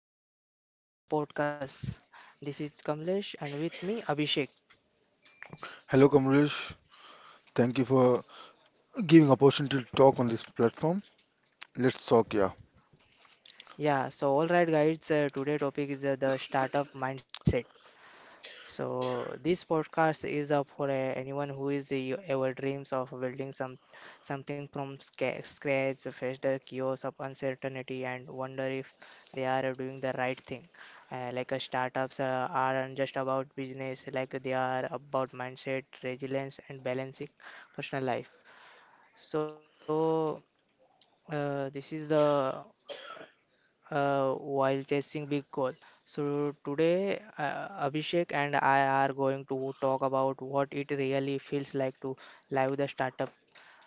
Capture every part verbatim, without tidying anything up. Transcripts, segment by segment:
welcome to the our podcast. This is Kamlesh and with me Abhishek. Hello Kamlesh, thank you for giving opportunity to talk on this platform. Let's talk, yeah. Yeah, so all right guys, uh, today topic is uh, the startup mindset. So this podcast is uh, for uh, anyone who is uh, you- ever dreams of building some something from sca- scratch, face the chaos of uncertainty and wonder if they are uh, doing the right thing. Uh, like uh, startups uh, aren't just about business, like they are about mindset, resilience and balancing personal life. So, uh, this is the uh, while chasing big goal. So today, uh, Abhishek and I are going to talk about what it really feels like to live the startup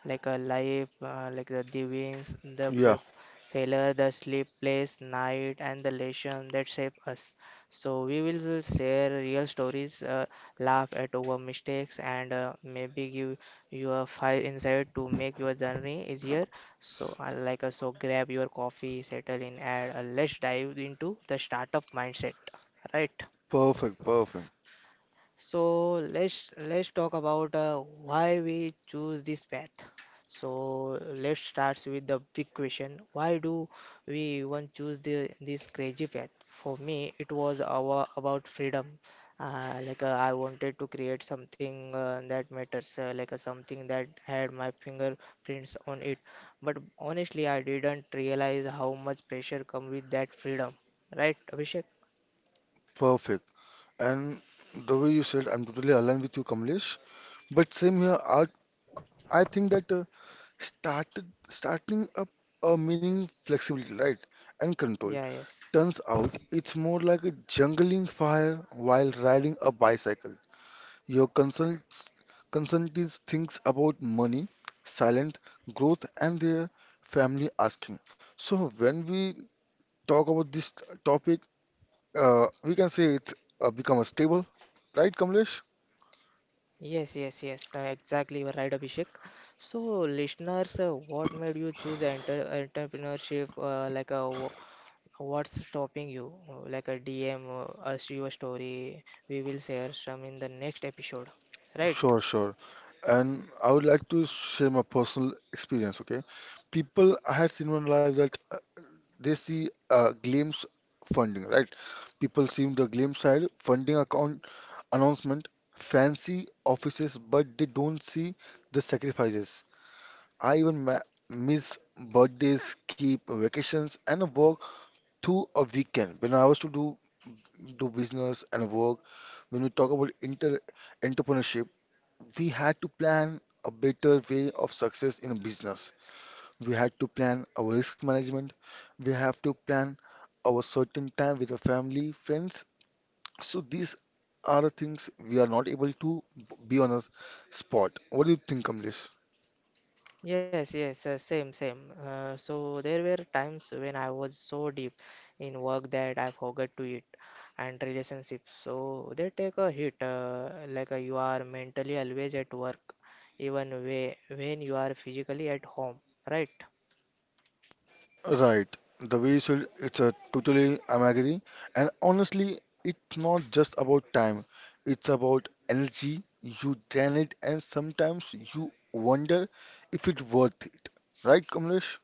like a life, uh, like the, the wins, the Yeah, fa- failure, the sleepless night, and the lesson that shape us. So we will share real stories, uh, laugh at our mistakes, and uh, maybe give you a five insight to make your journey easier. So uh, like uh, so, grab your coffee, settle in, and uh, let's dive into the startup mindset, right? perfect, perfect, So let's let's talk about uh, why we choose this path. So let's start with the big question. Why do we even choose the, this crazy path? For me, it was our, about freedom. Uh, like uh, I wanted to create something uh, that matters, uh, like uh, something that had my fingerprints on it. But honestly, I didn't realize how much pressure come with that freedom. Right, Abhishek? perfect. And the way you said, I'm totally aligned with you, Kamlesh. But same here, I, I think that uh, started starting up a meaning flexibility, right, and control. Yeah, yes. Turns out it's more like a jungling fire while riding a bicycle. Your consults, consultant thinks about money, silent growth, and their family asking. So when we talk about this topic, uh, we can say it's uh, become a stable, right, Kamlesh? Yes, yes, yes, uh, exactly. You are right, Abhishek. So, listeners, uh, what made you choose enter entrepreneurship? Uh, like, uh, wh- what's stopping you? Uh, Like a D M, uh, us your story. We will share some in the next episode, right? Sure, sure. And I would like to share my personal experience, okay? People I had seen in my life that uh, they see uh, claims funding, right? People see the claim side, funding account announcement, fancy offices, but they don't see the sacrifices. I even ma miss birthdays, keep vacations, and work through a weekend. When I was to do do business and work, when we talk about inter entrepreneurship, we had to plan a better way of success in a business. We had to plan our risk management. We have to plan our certain time with the family, friends. So these are the things we are not able to b- be on a s- spot. What do you think, Kamlesh? Yes, yes, uh, same, same. Uh, so there were times when I was so deep in work that I forgot to eat and relationships. So they take a hit, uh, like uh, you are mentally always at work, even way, when you are physically at home, right? Right. The way you said, it's a totally I'm agree. And honestly, it's not just about time. It's about energy. You drain it and sometimes you wonder if it's worth it. Right, Kamlesh?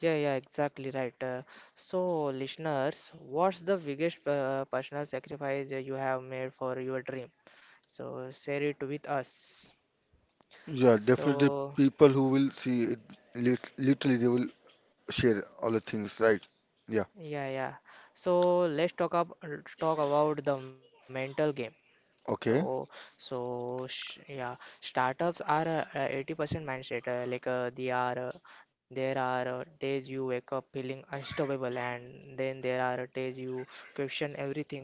Yeah, yeah, exactly right. Uh, so, listeners, what's the biggest uh, personal sacrifice that you have made for your dream? So, share it with us. Yeah, definitely So, people who will see it, lit- literally they will share all the things, right? Yeah. yeah, yeah. So let's talk up talk about the mental game. So, Okay. so sh yeah, startups are uh, uh, eighty percent mindset. Uh, like uh, they are, uh, there are uh, days you wake up feeling unstoppable, and then there are days you question everything,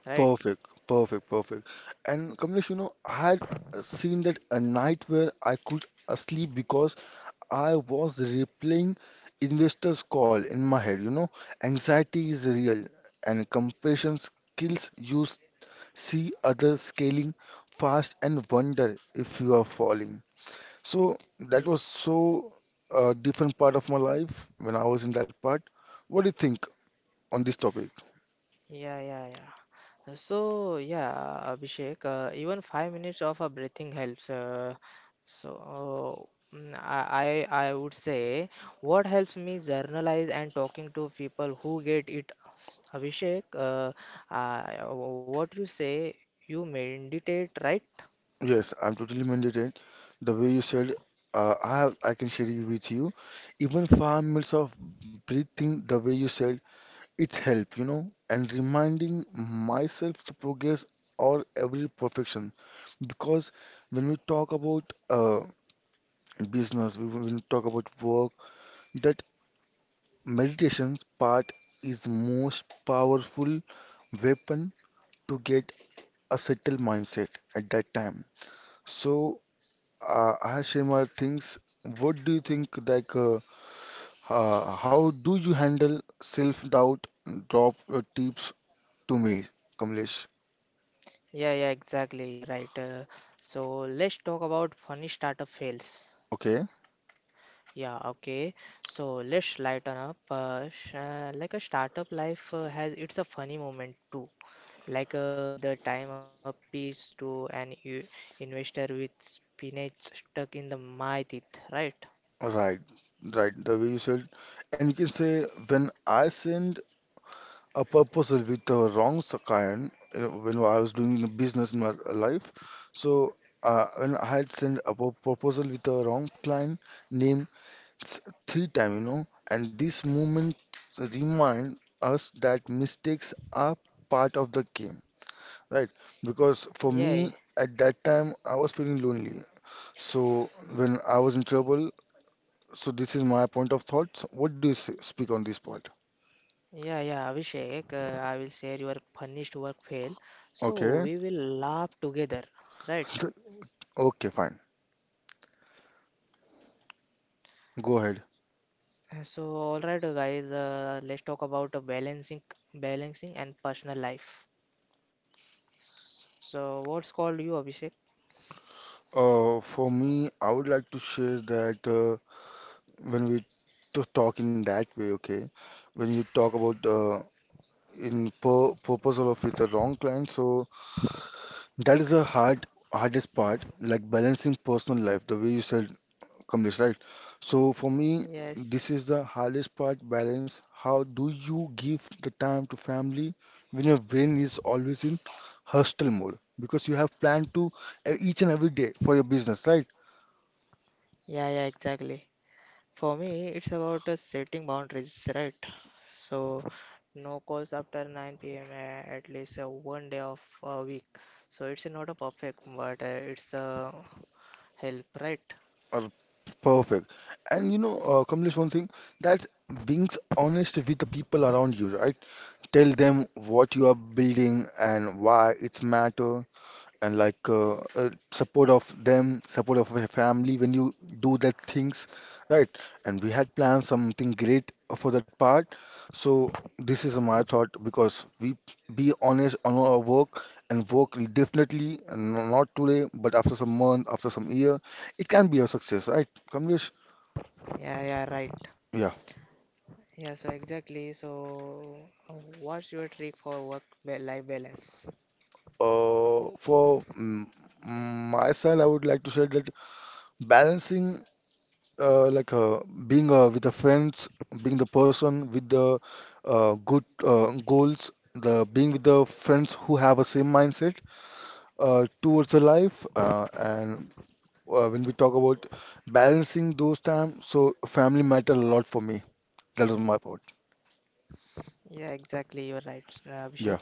right? Perfect. Perfect. Perfect. And Kamlesh, you know, I had uh, seen that a night where I could uh, sleep because I was replaying investors call in my head, you know. Anxiety is real and comparison skills you s- see others scaling fast and wonder if you are falling. So that Y- was so a different part of my life when I was in that part. What do you think on this topic? Yeah, yeah, yeah. So yeah, Abhishek, uh, even five minutes of a breathing helps. Uh, so mm, I, I I would say what helps me journalize and talking to people who get it. S- Abhishek, uh, uh, what you say? You meditate, right? Yes, I'm totally mandated. The way you said, uh, I have, I can share it with you. Even five minutes of breathing, the way you said, it's help, you know, and reminding myself to progress or every perfection. Because when we talk about uh, business, we, when we talk about work, that Meditation's part is most powerful weapon to get a settled mindset at that time. So, uh, Ashimar thinks, what do you think like uh, uh, how do you handle self-doubt? Drop your tips to me, Kamlesh. Yeah, yeah, exactly. You're right. Uh, so let's talk about funny startup fails. Okay, Yeah, okay. So let's lighten up. Uh, sh uh, like a startup life uh, has it's a funny moment too. Like uh, the time a piece to an u- investor with spinach stuck in the my teeth, right? right, right. The way you said, and you can say when I send a purpose with the wrong so kind uh, when I was doing the business in my life. So uh, when I had sent a pro- proposal with a wrong client name s- three times, you know, and this moment remind us that mistakes are part of the game, right? Because for me Yeah, at that time I was feeling lonely. So when I was in trouble, so this is my point of thoughts. What do you s- speak on this part? yeah, yeah, Abhishek, uh, I will share your punished work fail. So Okay, we will laugh together, right? okay, fine. Go ahead. Uh, So all right, uh, guys, uh, let's talk about uh, balancing, balancing and personal life. So what's called you, Abhishek? Uh, for me, I would like to share that uh, when we to talk in that way, okay, when you talk about uh, in pur proposal of with the wrong client, so that is the hard hardest part, like balancing personal life, the way you said, Kamlesh, right? So for me, this Yes. is the hardest part, balance. How do you give the time to family when your brain is always in hustle mode? Because you have planned to uh, each and every day for your business, right? Yeah, yeah, exactly. For me, it's about uh, setting boundaries, right? So, no calls after nine p m uh, at least uh, one day of a week. So, it's not a perfect, but uh, it's a help, right? Or perfect. And you know, uh, Kamlesh, one thing that's being honest with the people around you, right? Tell them what you are building and why it's matter and like uh, uh, support of them, support of your family when you do that things, right? And we had planned something great for that part. So this is my thought because we be honest on our work and work will definitely and no- not today, but after some month, after some year, it can be a success, right? Kamlesh? Yeah, yeah, right. Yeah. Yeah, so exactly. So, uh, what's your trick for work-life balance? Uh, for mm, my side, I would like to say that balancing. uh, like uh, Being uh, with the friends, being the person with the uh, good uh, goals, the being with the friends who have a same mindset uh, towards the life, uh, and uh, when we talk about balancing those time, so family matter a lot for me. That was my part. Yeah, exactly. You're right, uh, Yeah. Abhishek.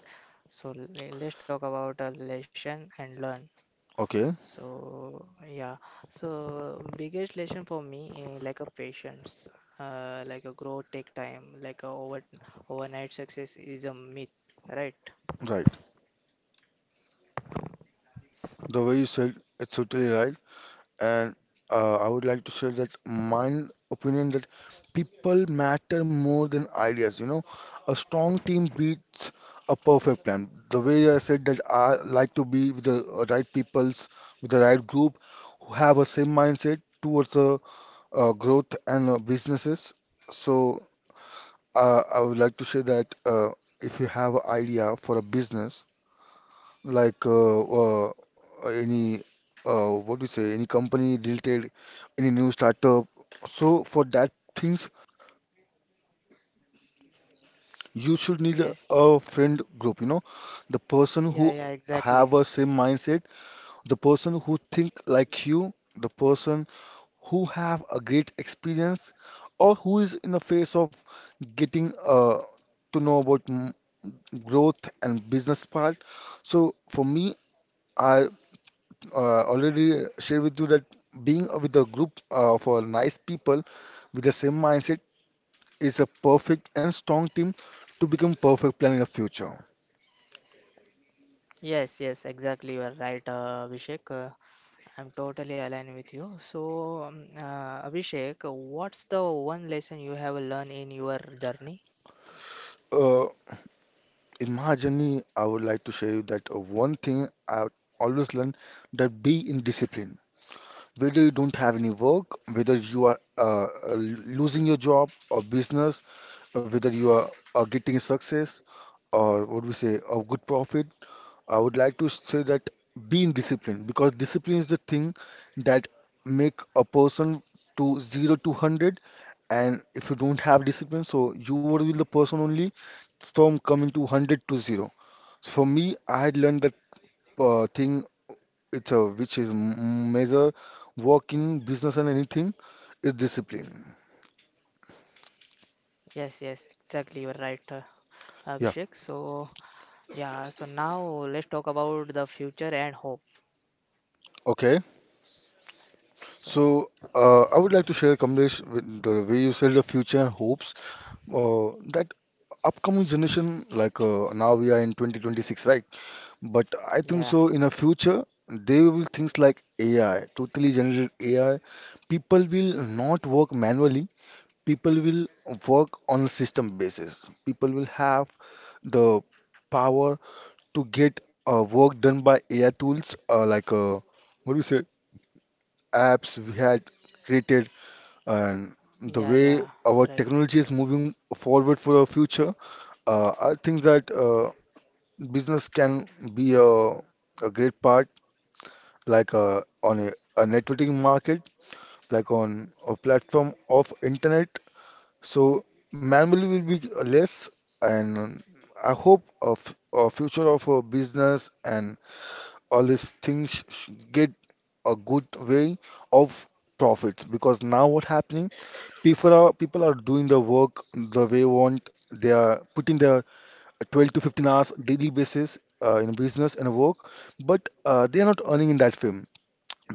So, le- let's talk about uh, lesson and learn. Okay. So yeah, so biggest lesson for me eh, like a patience, uh, like a growth take time, like a over overnight success is a myth, right? Right. The way you said, it's totally right. And uh, I would like to share that my opinion that people matter more than ideas. You know, a strong team beats a perfect plan. The way I said that I like to be with the right peoples, with the right group who have a same mindset towards the uh, growth and uh, businesses. So uh, I would like to say that uh, if you have an idea for a business, like uh, uh, any uh, what do you say any company related any new startup so for that things you should need a, Yes. a friend group, you know, the person who Yeah, yeah, have exactly. a same mindset, the person who think like you, the person who have a great experience or who is in the phase of getting uh, to know about mm, growth and business part. So for me I uh, already shared with you that being with a group uh, of uh, nice people with the same mindset is a perfect and strong team to become perfect plan in the future. Yes, yes, exactly. You are right, uh, Abhishek. Uh, I'm totally aligned with you. So, um, uh, Abhishek, what's the one lesson you have learned in your journey? Uh, in my journey, I would like to share you that uh, one thing I always learned that be in discipline. Whether you don't have any work, whether you are uh, uh, losing your job or business, or whether you are uh, getting success or what we say, a good profit, I would like to say that being disciplined because discipline is the thing that make a person to zero to hundred. And if you don't have discipline so you would be the person only from coming to hundred to zero. So for me I had learned that uh, thing it's a which is m- major work in business, and anything is discipline. Yes, yes, exactly. You are right, uh, Abhishek. Yeah. So. Yeah, so now let's talk about the future and hope. Okay. So, So, uh, I would like to share, Kamlesh, with the way you said the future hopes uh, that upcoming generation, like uh, now we are in twenty twenty-six, right? But I think yeah, so in the future, they will things like A I, totally generated A I. People will not work manually. People will work on a system basis. People will have the power to get uh, work done by A I tools, uh, like uh, what do you say? Apps we had created, and yeah, the yeah, way our right. technology is moving forward for our future, uh, I think that uh, business can be a, a great part, like uh, on a, a networking market, like on a platform of internet. So manually will be less, and I hope of a future of a business and all these things sh- get a good way of profits. Because now what happening, people are people are doing the work the way want. They are putting their twelve to fifteen hours daily basis uh, in business and work, but uh, they are not earning in that way,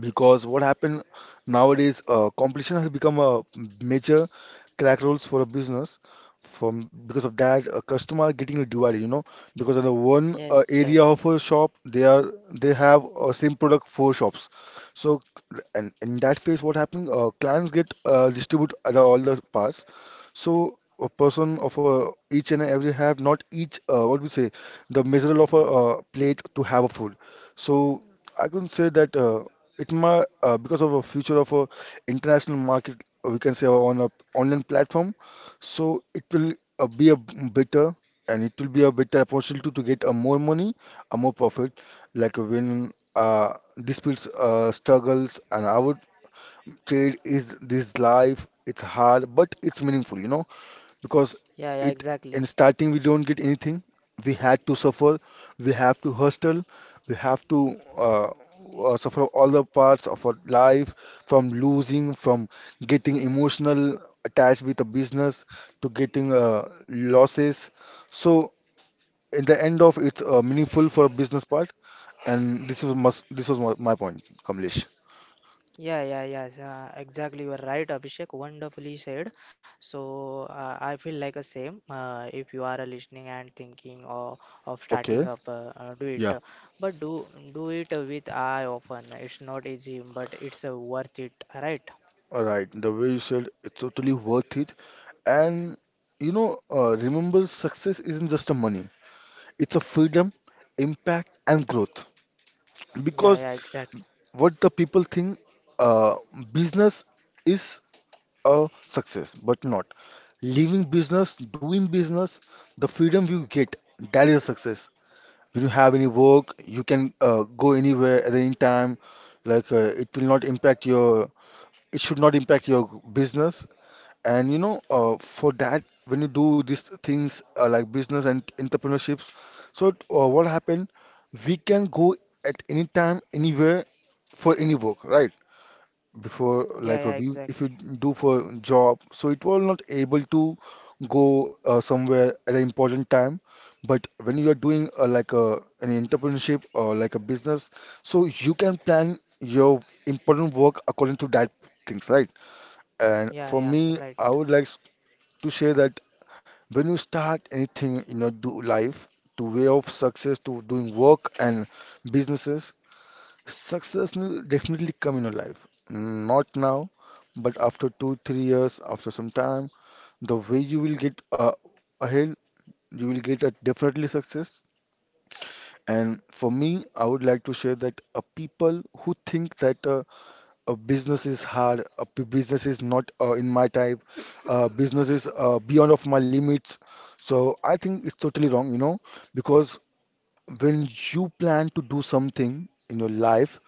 because what happened nowadays, uh, competition has become a major crack rules for a business from, because of that a customer getting divided, you know, because in the one uh, Yes, area yes. of a shop they are they have a same product four shops. So and in that phase what happened, uh, clients get uh, distribute other- all the parts. So a person of a each and every have not each, uh, what we say, the measure of a uh, plate to have a food. So I can say that. Uh, it might uh, because of a future of a international market, uh, we can say on a online platform. So it will uh, be a b- better, and it will be a better opportunity to get a more money, a more profit, like when uh, these people uh, struggles, and I would trade is this life. It's hard, but it's meaningful, you know, because Yeah, yeah, it in exactly. starting we don't get anything. We had to suffer. We have to hustle. We have to uh, uh, suffer all the parts of our life, from losing, from getting emotional attached with a business, to getting uh, losses. So in the end of it's uh, meaningful for a business part, and this is must this was my, my point, Kamlesh. Yeah, yeah, yeah, yeah, exactly. You are right, Abhishek. Wonderfully said. So, uh, I feel like a same. Uh, if you are listening and thinking of, of starting Okay. up, uh, uh, do it. But do do it with eye open. It's not easy, but it's uh, worth it, right? Alright, the way you said it's totally worth it. And you know, uh, remember success isn't just a money, it's a freedom, impact, and growth. Because Yeah, yeah, exactly. what the people think uh, business is a success, but not. Leaving business, doing business, the freedom you get, that is a success. When you have any work, you can uh, go anywhere at any time. Like uh, it will not impact your, it should not impact your business. And you know, uh, for that, when you do these things uh, like business and entrepreneurships, so uh, what happened? We can go at any time, anywhere, for any work, right? Before, Yeah, yeah, like, uh, we, exactly. if you do for job, so it was not able to go uh, somewhere at an important time. But when you are doing uh, like a an entrepreneurship or like a business, so you can plan your important work according to that things, right? And Yeah, for yeah, me, right. I would like to say that when you start anything in your do life, to way of success, to doing work and businesses, success will definitely come in your life. Not now, but after two, three years, after some time, the way you will get uh, ahead, you will get a definitely success. And for me, I would like to share that uh, people who think that uh, a business is hard, a p- business is not uh, in my type, uh, business is uh, beyond of my limits. So I think it's totally wrong, you know, because when you plan to do something in your life,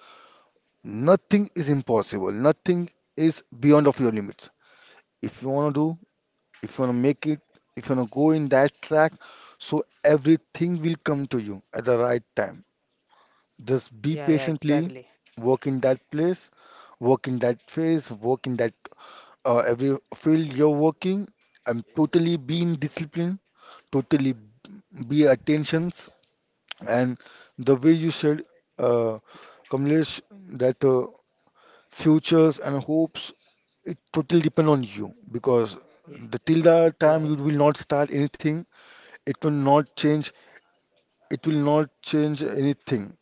nothing is impossible, nothing is beyond of your limits. If you want to do, if you want to make it, if you want to go in that track, so everything will come to you at the right time. Just be Yeah, yeah, patiently, exactly. work in that place, work in that phase, work in that uh, every field you're working, I'm totally being disciplined, totally be attentions, and the way you said, uh, Kamlesh, that uh, futures and hopes it totally depend on you because Yeah, the till the yeah, time yeah, you will not start anything, it will not change, it will not change anything,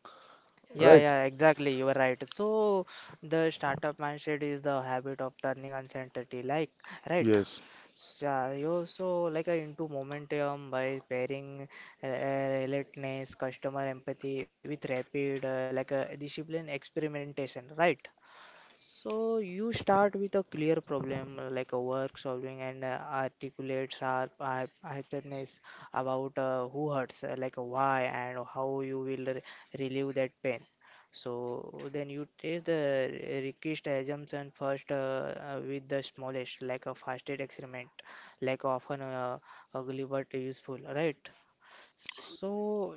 yeah, right? yeah, exactly. You are right. So the startup mindset is the habit of turning uncertainty, like, right? Yes, Yeah, you also like uh, into momentum by pairing uh, uh, relentlessness, customer empathy with rapid, uh, like uh, discipline experimentation, right? So you start with a clear problem uh, like a work solving and uh, articulates our hy- hyperness about uh, who hurts, uh, like a why and how you will re- relieve that pain. So then you test the re- request assumption first uh, uh, with the smallest, like a fastest experiment, like often uh, ugly but useful, right? So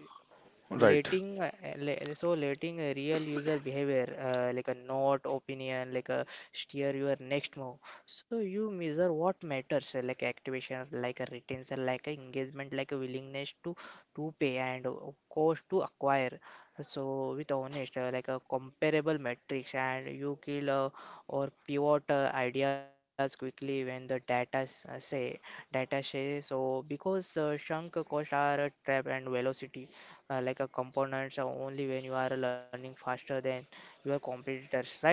right, letting uh, le- so letting a real user behavior uh, like a note opinion like a steer your next move so you measure what matters uh, like activation like a retention like a engagement like a willingness to to pay and uh, cost to acquire so with honest uh, like a comparable metrics and you kill uh, or pivot uh, ideas quickly when the data s- uh, say data says so because uh, shrunk cost are a trap and velocity uh, like a components are only when you are learning faster than your competitors, right?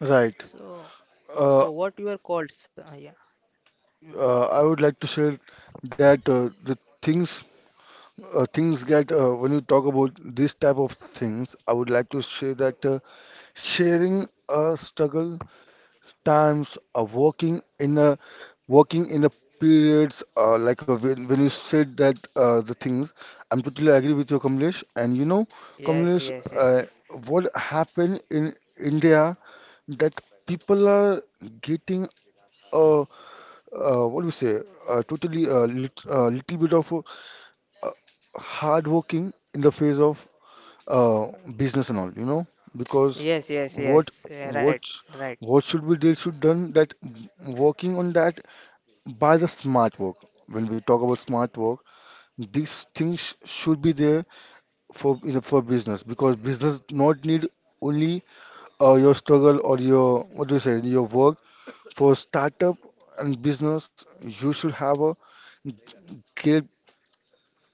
right. So, so Uh, what your calls? Uh, yeah. uh, I would like to say that uh, the things uh, things get uh, when you talk about this type of things. I would like to say that uh, sharing a struggle times of working in a working in a periods uh, like uh when, when you said that uh, the things, I'm totally agree with you, Kamlesh. And you know, Yes, Kamlesh, yes, uh, yes. what happened in India, that people are getting uh, uh, what do you say, uh, totally a uh, lit, uh, little bit of uh, uh, hardworking in the face of uh, business and all, you know, because Yes, yes, what yes. Uh, right, what right. what should we they should done that working on that by the smart work. When we talk about smart work, these things should be there for, you know, for business, because business not need only uh, your struggle or your what do you say your work for startup and business. You should have a clear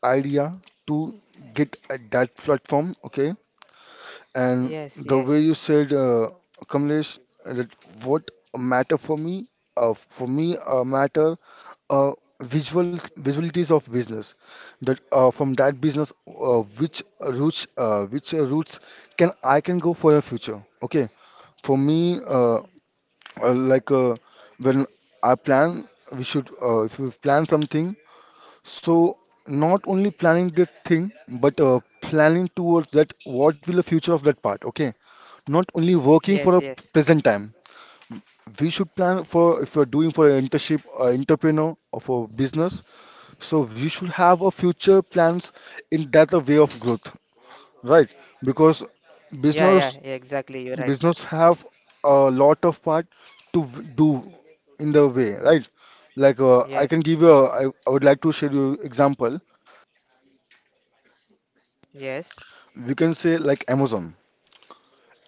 idea to get at that platform. Okay. And Yes, the way yes. you said, uh, Kamlesh, that what matter for me, uh, for me, uh, matter uh, visual visualities of business. That uh, from that business, uh, which routes, uh, which uh, routes can I can go for a future? Okay, for me, uh, uh, like uh, when I plan, we should uh, if we plan something, so not only planning the thing, but uh, planning towards that what will the future of that part, okay? Not only working Yes, for a yes. present time. We should plan for if you're doing for an internship, uh, entrepreneur or for business. So we should have a future plans in that a way of growth, right? Because Yeah, yeah, yeah, business exactly. You're right. business have a lot of part to v- do in the way, right? Like uh, I can Yes. give you, a, I, I would like to share you example. Yes. We can say like Amazon.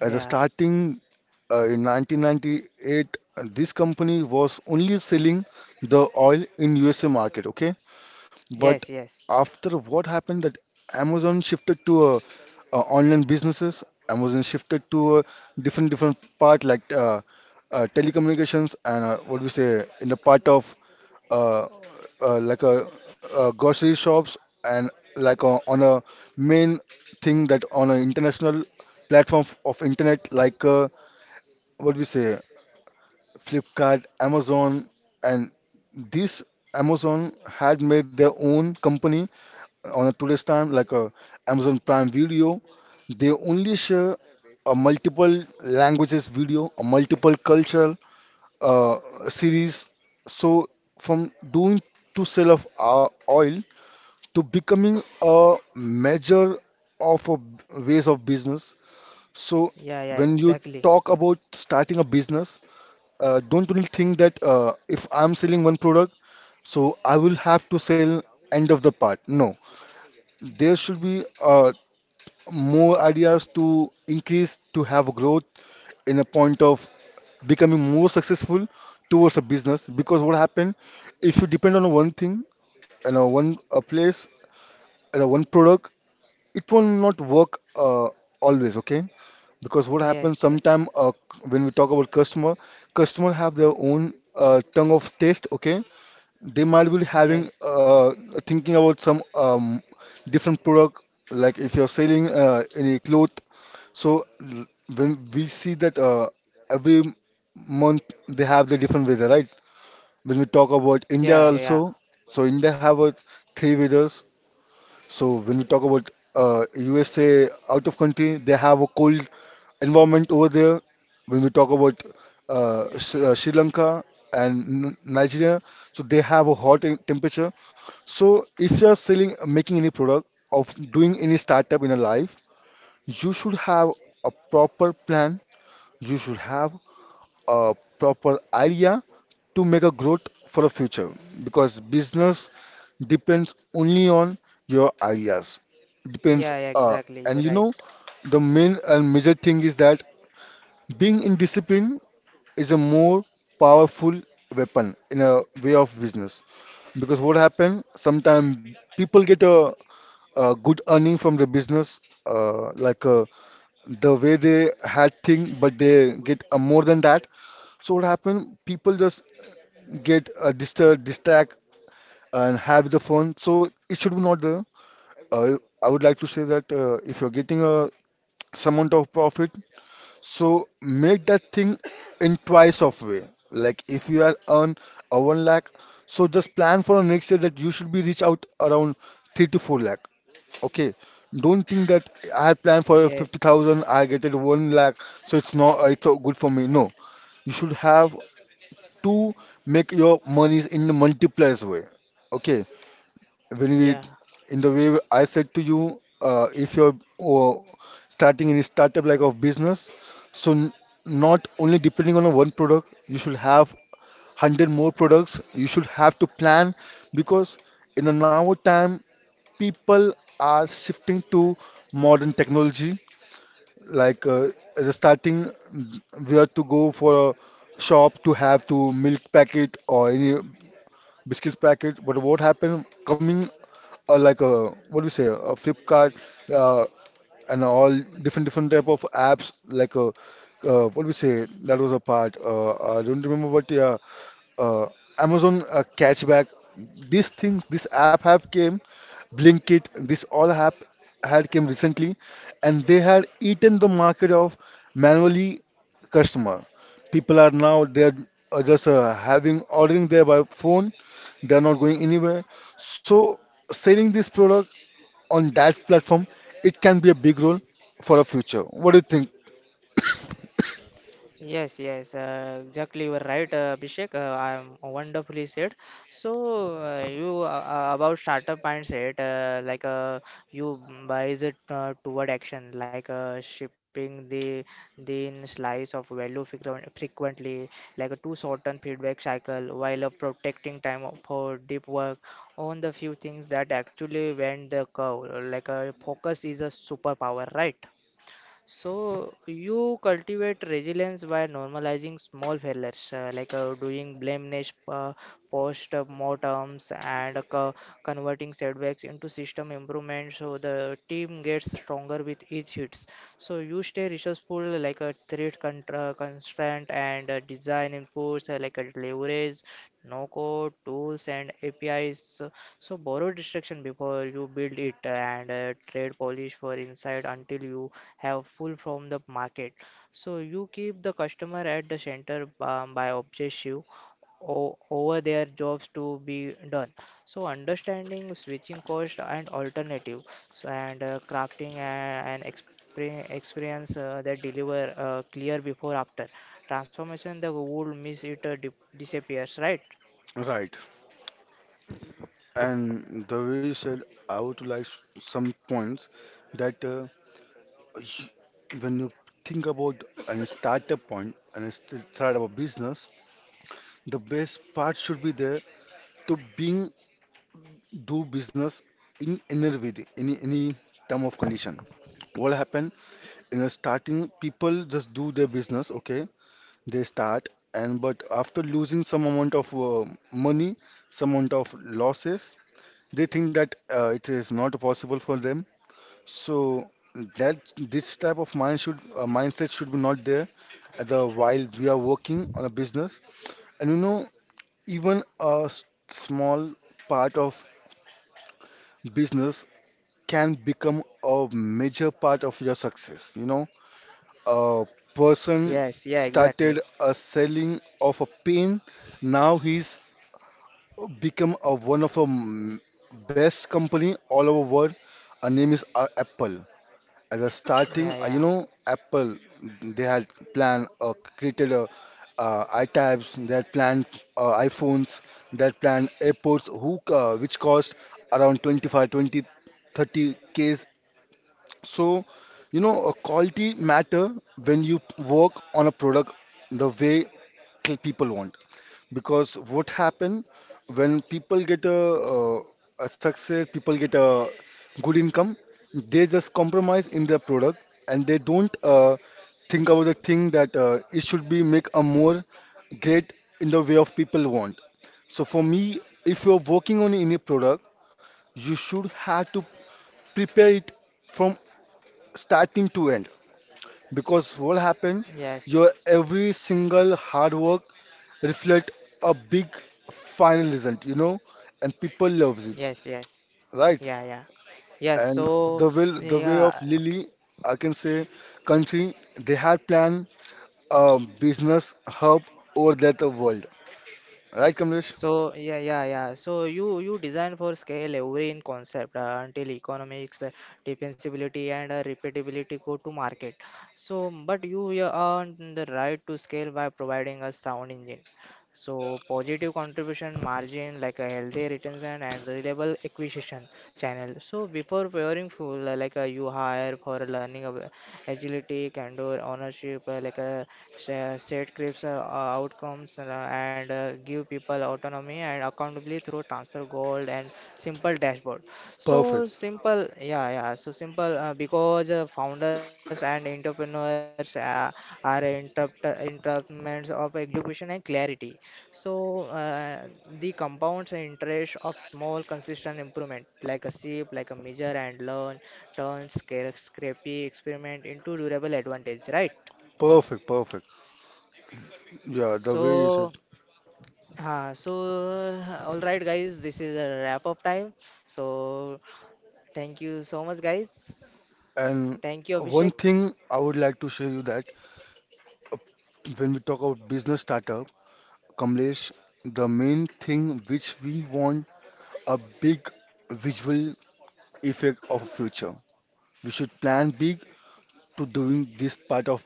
At the starting uh, in nineteen ninety-eight, uh, this company was only selling the oil in U S A market. Okay, but Yes, yes. after what happened that Amazon shifted to uh, uh, online businesses, Amazon shifted to uh, different different part like uh, uh, telecommunications and uh, what do you say in the part of uh, uh, like a, uh grocery shops and like uh on a main thing that on an international platform of internet like uh, what do we say, Flipkart, Amazon, and this Amazon had made their own company on a today's time, like a Amazon Prime Video. They only share a multiple languages video, a multiple cultural uh, series. So from doing to sell of uh, oil to becoming a measure of a b- ways of business. So Yeah, yeah, when you exactly. talk about starting a business, uh, don't you think that uh, if I'm selling one product, so I will have to sell end of the part? No, there should be uh, more ideas to increase to have growth in a point of becoming more successful towards a business. Because what happen if you depend on one thing, you know, one a place, you know, one product, it will not work uh, always. Okay, because what happens Yes, yeah. sometime uh, c- when we talk about customer customer have their own uh, tongue of taste. Okay, they might be having Yes. uh, thinking about some um, different product, like if you're selling uh, any cloth, so l- when we see that uh, every month they have the different weather, right? When we talk about India Yeah, yeah. also, so India have a three weathers. So when we talk about uh, U S A out of country, they have a cold environment over there. When we talk about uh, Sri uh, Sri Lanka and N- Nigeria, so they have a hot in- temperature. So if you are selling, making any product of doing any startup in your life, you should have a proper plan. You should have a proper idea to make a growth for a future because business depends only on your ideas depends Yeah, yeah, uh, exactly. and You're you know right. the main and major thing is that being in discipline is a more powerful weapon in a way of business. Because what happen sometimes people get a, a good earning from the business uh, like uh, the way they had thing but they get uh, more than that. So what happen people just get uh, disturbed distract and have the fun. So it should be not there. Uh, I would like to say that uh, if you're getting a some amount of profit, so make that thing in twice of way. Like if you are earn a one lakh, so just plan for next year that you should be reach out around three to four lakh. Okay. Don't think that I had planned for Yes. fifty thousand, I get it one lakh, so it's not uh, it's uh, good for me. No, you should have to make your monies in the multipliers way. Okay, when Vineet, Yeah. in the way I said to you, uh, if you're oh, starting any startup like of business, so n- not only depending on a one product, you should have one hundred more products. You should have to plan because in the now time, people are shifting to modern technology. Like uh, at the starting, we have to go for a shop to have to milk packet or any biscuits packet. But what happened coming uh, like a what do you say, a Flipkart, uh, and all different different type of apps like uh, uh, what we say that was a part, uh, I don't remember what. Yeah, uh, Amazon, uh, Catchback, these things this app have came, Blinkit, this all app had came recently, and they had eaten the market of manually customer. People are now they're uh, just uh, having ordering there by phone, they're not going anywhere. So selling this product on that platform, it can be a big role for a future. What do you think? Yes, yes, uh, exactly. You are right, uh, Abhishek. Uh, I am wonderfully said. So uh, you uh, uh, about startup mindset, uh, like uh, you buys it uh, toward action, like uh, shipping the thin slice of value frequen- frequently, like a two shorten feedback cycle, while uh, protecting time for deep work on the few things that actually went the curve. Like uh, focus is a superpower, right? So you cultivate resilience by normalizing small failures, uh, like uh, doing blameless uh, post-mortems and uh, co- converting setbacks into system improvements. So the team gets stronger with each hits. So you stay resourceful, like a threat contra- constraint and uh, design inputs, uh, like a leverage, no-code tools and A P Is. So borrow distraction before you build it and uh, trade polish for insight until you have full from the market. So you keep the customer at the center um, by obsess you o- over their jobs to be done. So understanding switching cost and alternative, so and uh, crafting a- an experience, experience uh, that deliver uh, clear before after transformation. The would miss it uh, dip- disappears, right? Right. And the way you said, I would like some points that uh, sh- when you think about and start a point and st- start a business, the best part should be there to being do business in any way, any any term of condition. What happened in the starting, people just do their business, okay. They start, and but after losing some amount of uh, money, some amount of losses, they think that uh, it is not possible for them. So that this type of mind should uh, mindset should be not there at the while we are working on a business. And you know, even a s- small part of business can become a major part of your success. You know, a person Yes, yeah, exactly. started a selling of a pain. Now he's become a, one of the m- best company all over world. Our name is uh, Apple. As a starting, Yeah, uh, you yeah. know, Apple, they had planned uh, created uh, uh, iTabs, they had planned uh, iPhones, they had planned AirPods, who, uh, which cost around twenty-five, twenty, thirty Ks. So, you know, uh, quality matter when you work on a product the way cl- people want. Because what happen when people get a, uh, a success, people get a good income, they just compromise in their product and they don't uh, think about the thing that uh, it should be make a more great in the way of people want. So for me, if you're working on any product, you should have to prepare it from starting to end. Because what happened, Yes. your every single hard work reflect a big final result, you know, and people loves it, Yes, yes. right? Yeah, yeah. Yes, And so the will, the way of yeah. Lily, I can say, country, they had planned a business hub over that world, right, Kamlesh? So yeah, yeah, yeah. So you you design for scale every in concept uh, until economics, uh, defensibility, and uh, repeatability go to market. So but you you earn the right to scale by providing a sound engine. So positive contribution margin, like a healthy retention and reliable acquisition channel. So before hiring full, uh, like uh, you hire for learning. Ab- agility, candor, ownership, uh, like a sa- set creeps uh, uh, outcomes and, uh, and uh, give people autonomy and accountability through transfer gold and simple dashboard. Perfect, So simple, yeah, yeah. So simple uh, because uh, founders and entrepreneurs uh, are interrupt uh, interruptments of execution and clarity. So uh, the compounds interest of small consistent improvement like a sip, like a measure and learn turns scrappy experiment into durable advantage, right? perfect, perfect. Yeah, the way you said. So, uh, so all right, guys, this is a wrap up time. So, thank you so much, guys. And Thank you, one Abhishek. thing I would like to show you that uh, when we talk about business starter, Kamlesh, the main thing which we want a big visual effect of future. We should plan big to doing this part of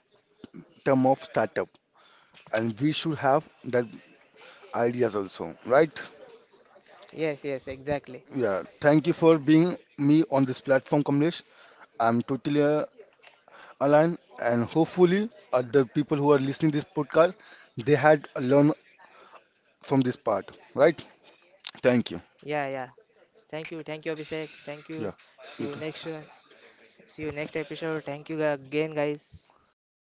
term of startup, and we should have that ideas also, right? Yes, yes, exactly. Yeah. Thank you for being me on this platform, Kamlesh. I'm totally uh, aligned, and hopefully other people who are listening this podcast, they had learned from this part, right? Thank you. Yeah, yeah. Thank you, thank you, Abhishek. Thank Yeah. you. You See you too. next. uh, See you next episode. Thank you again, guys. Yeah.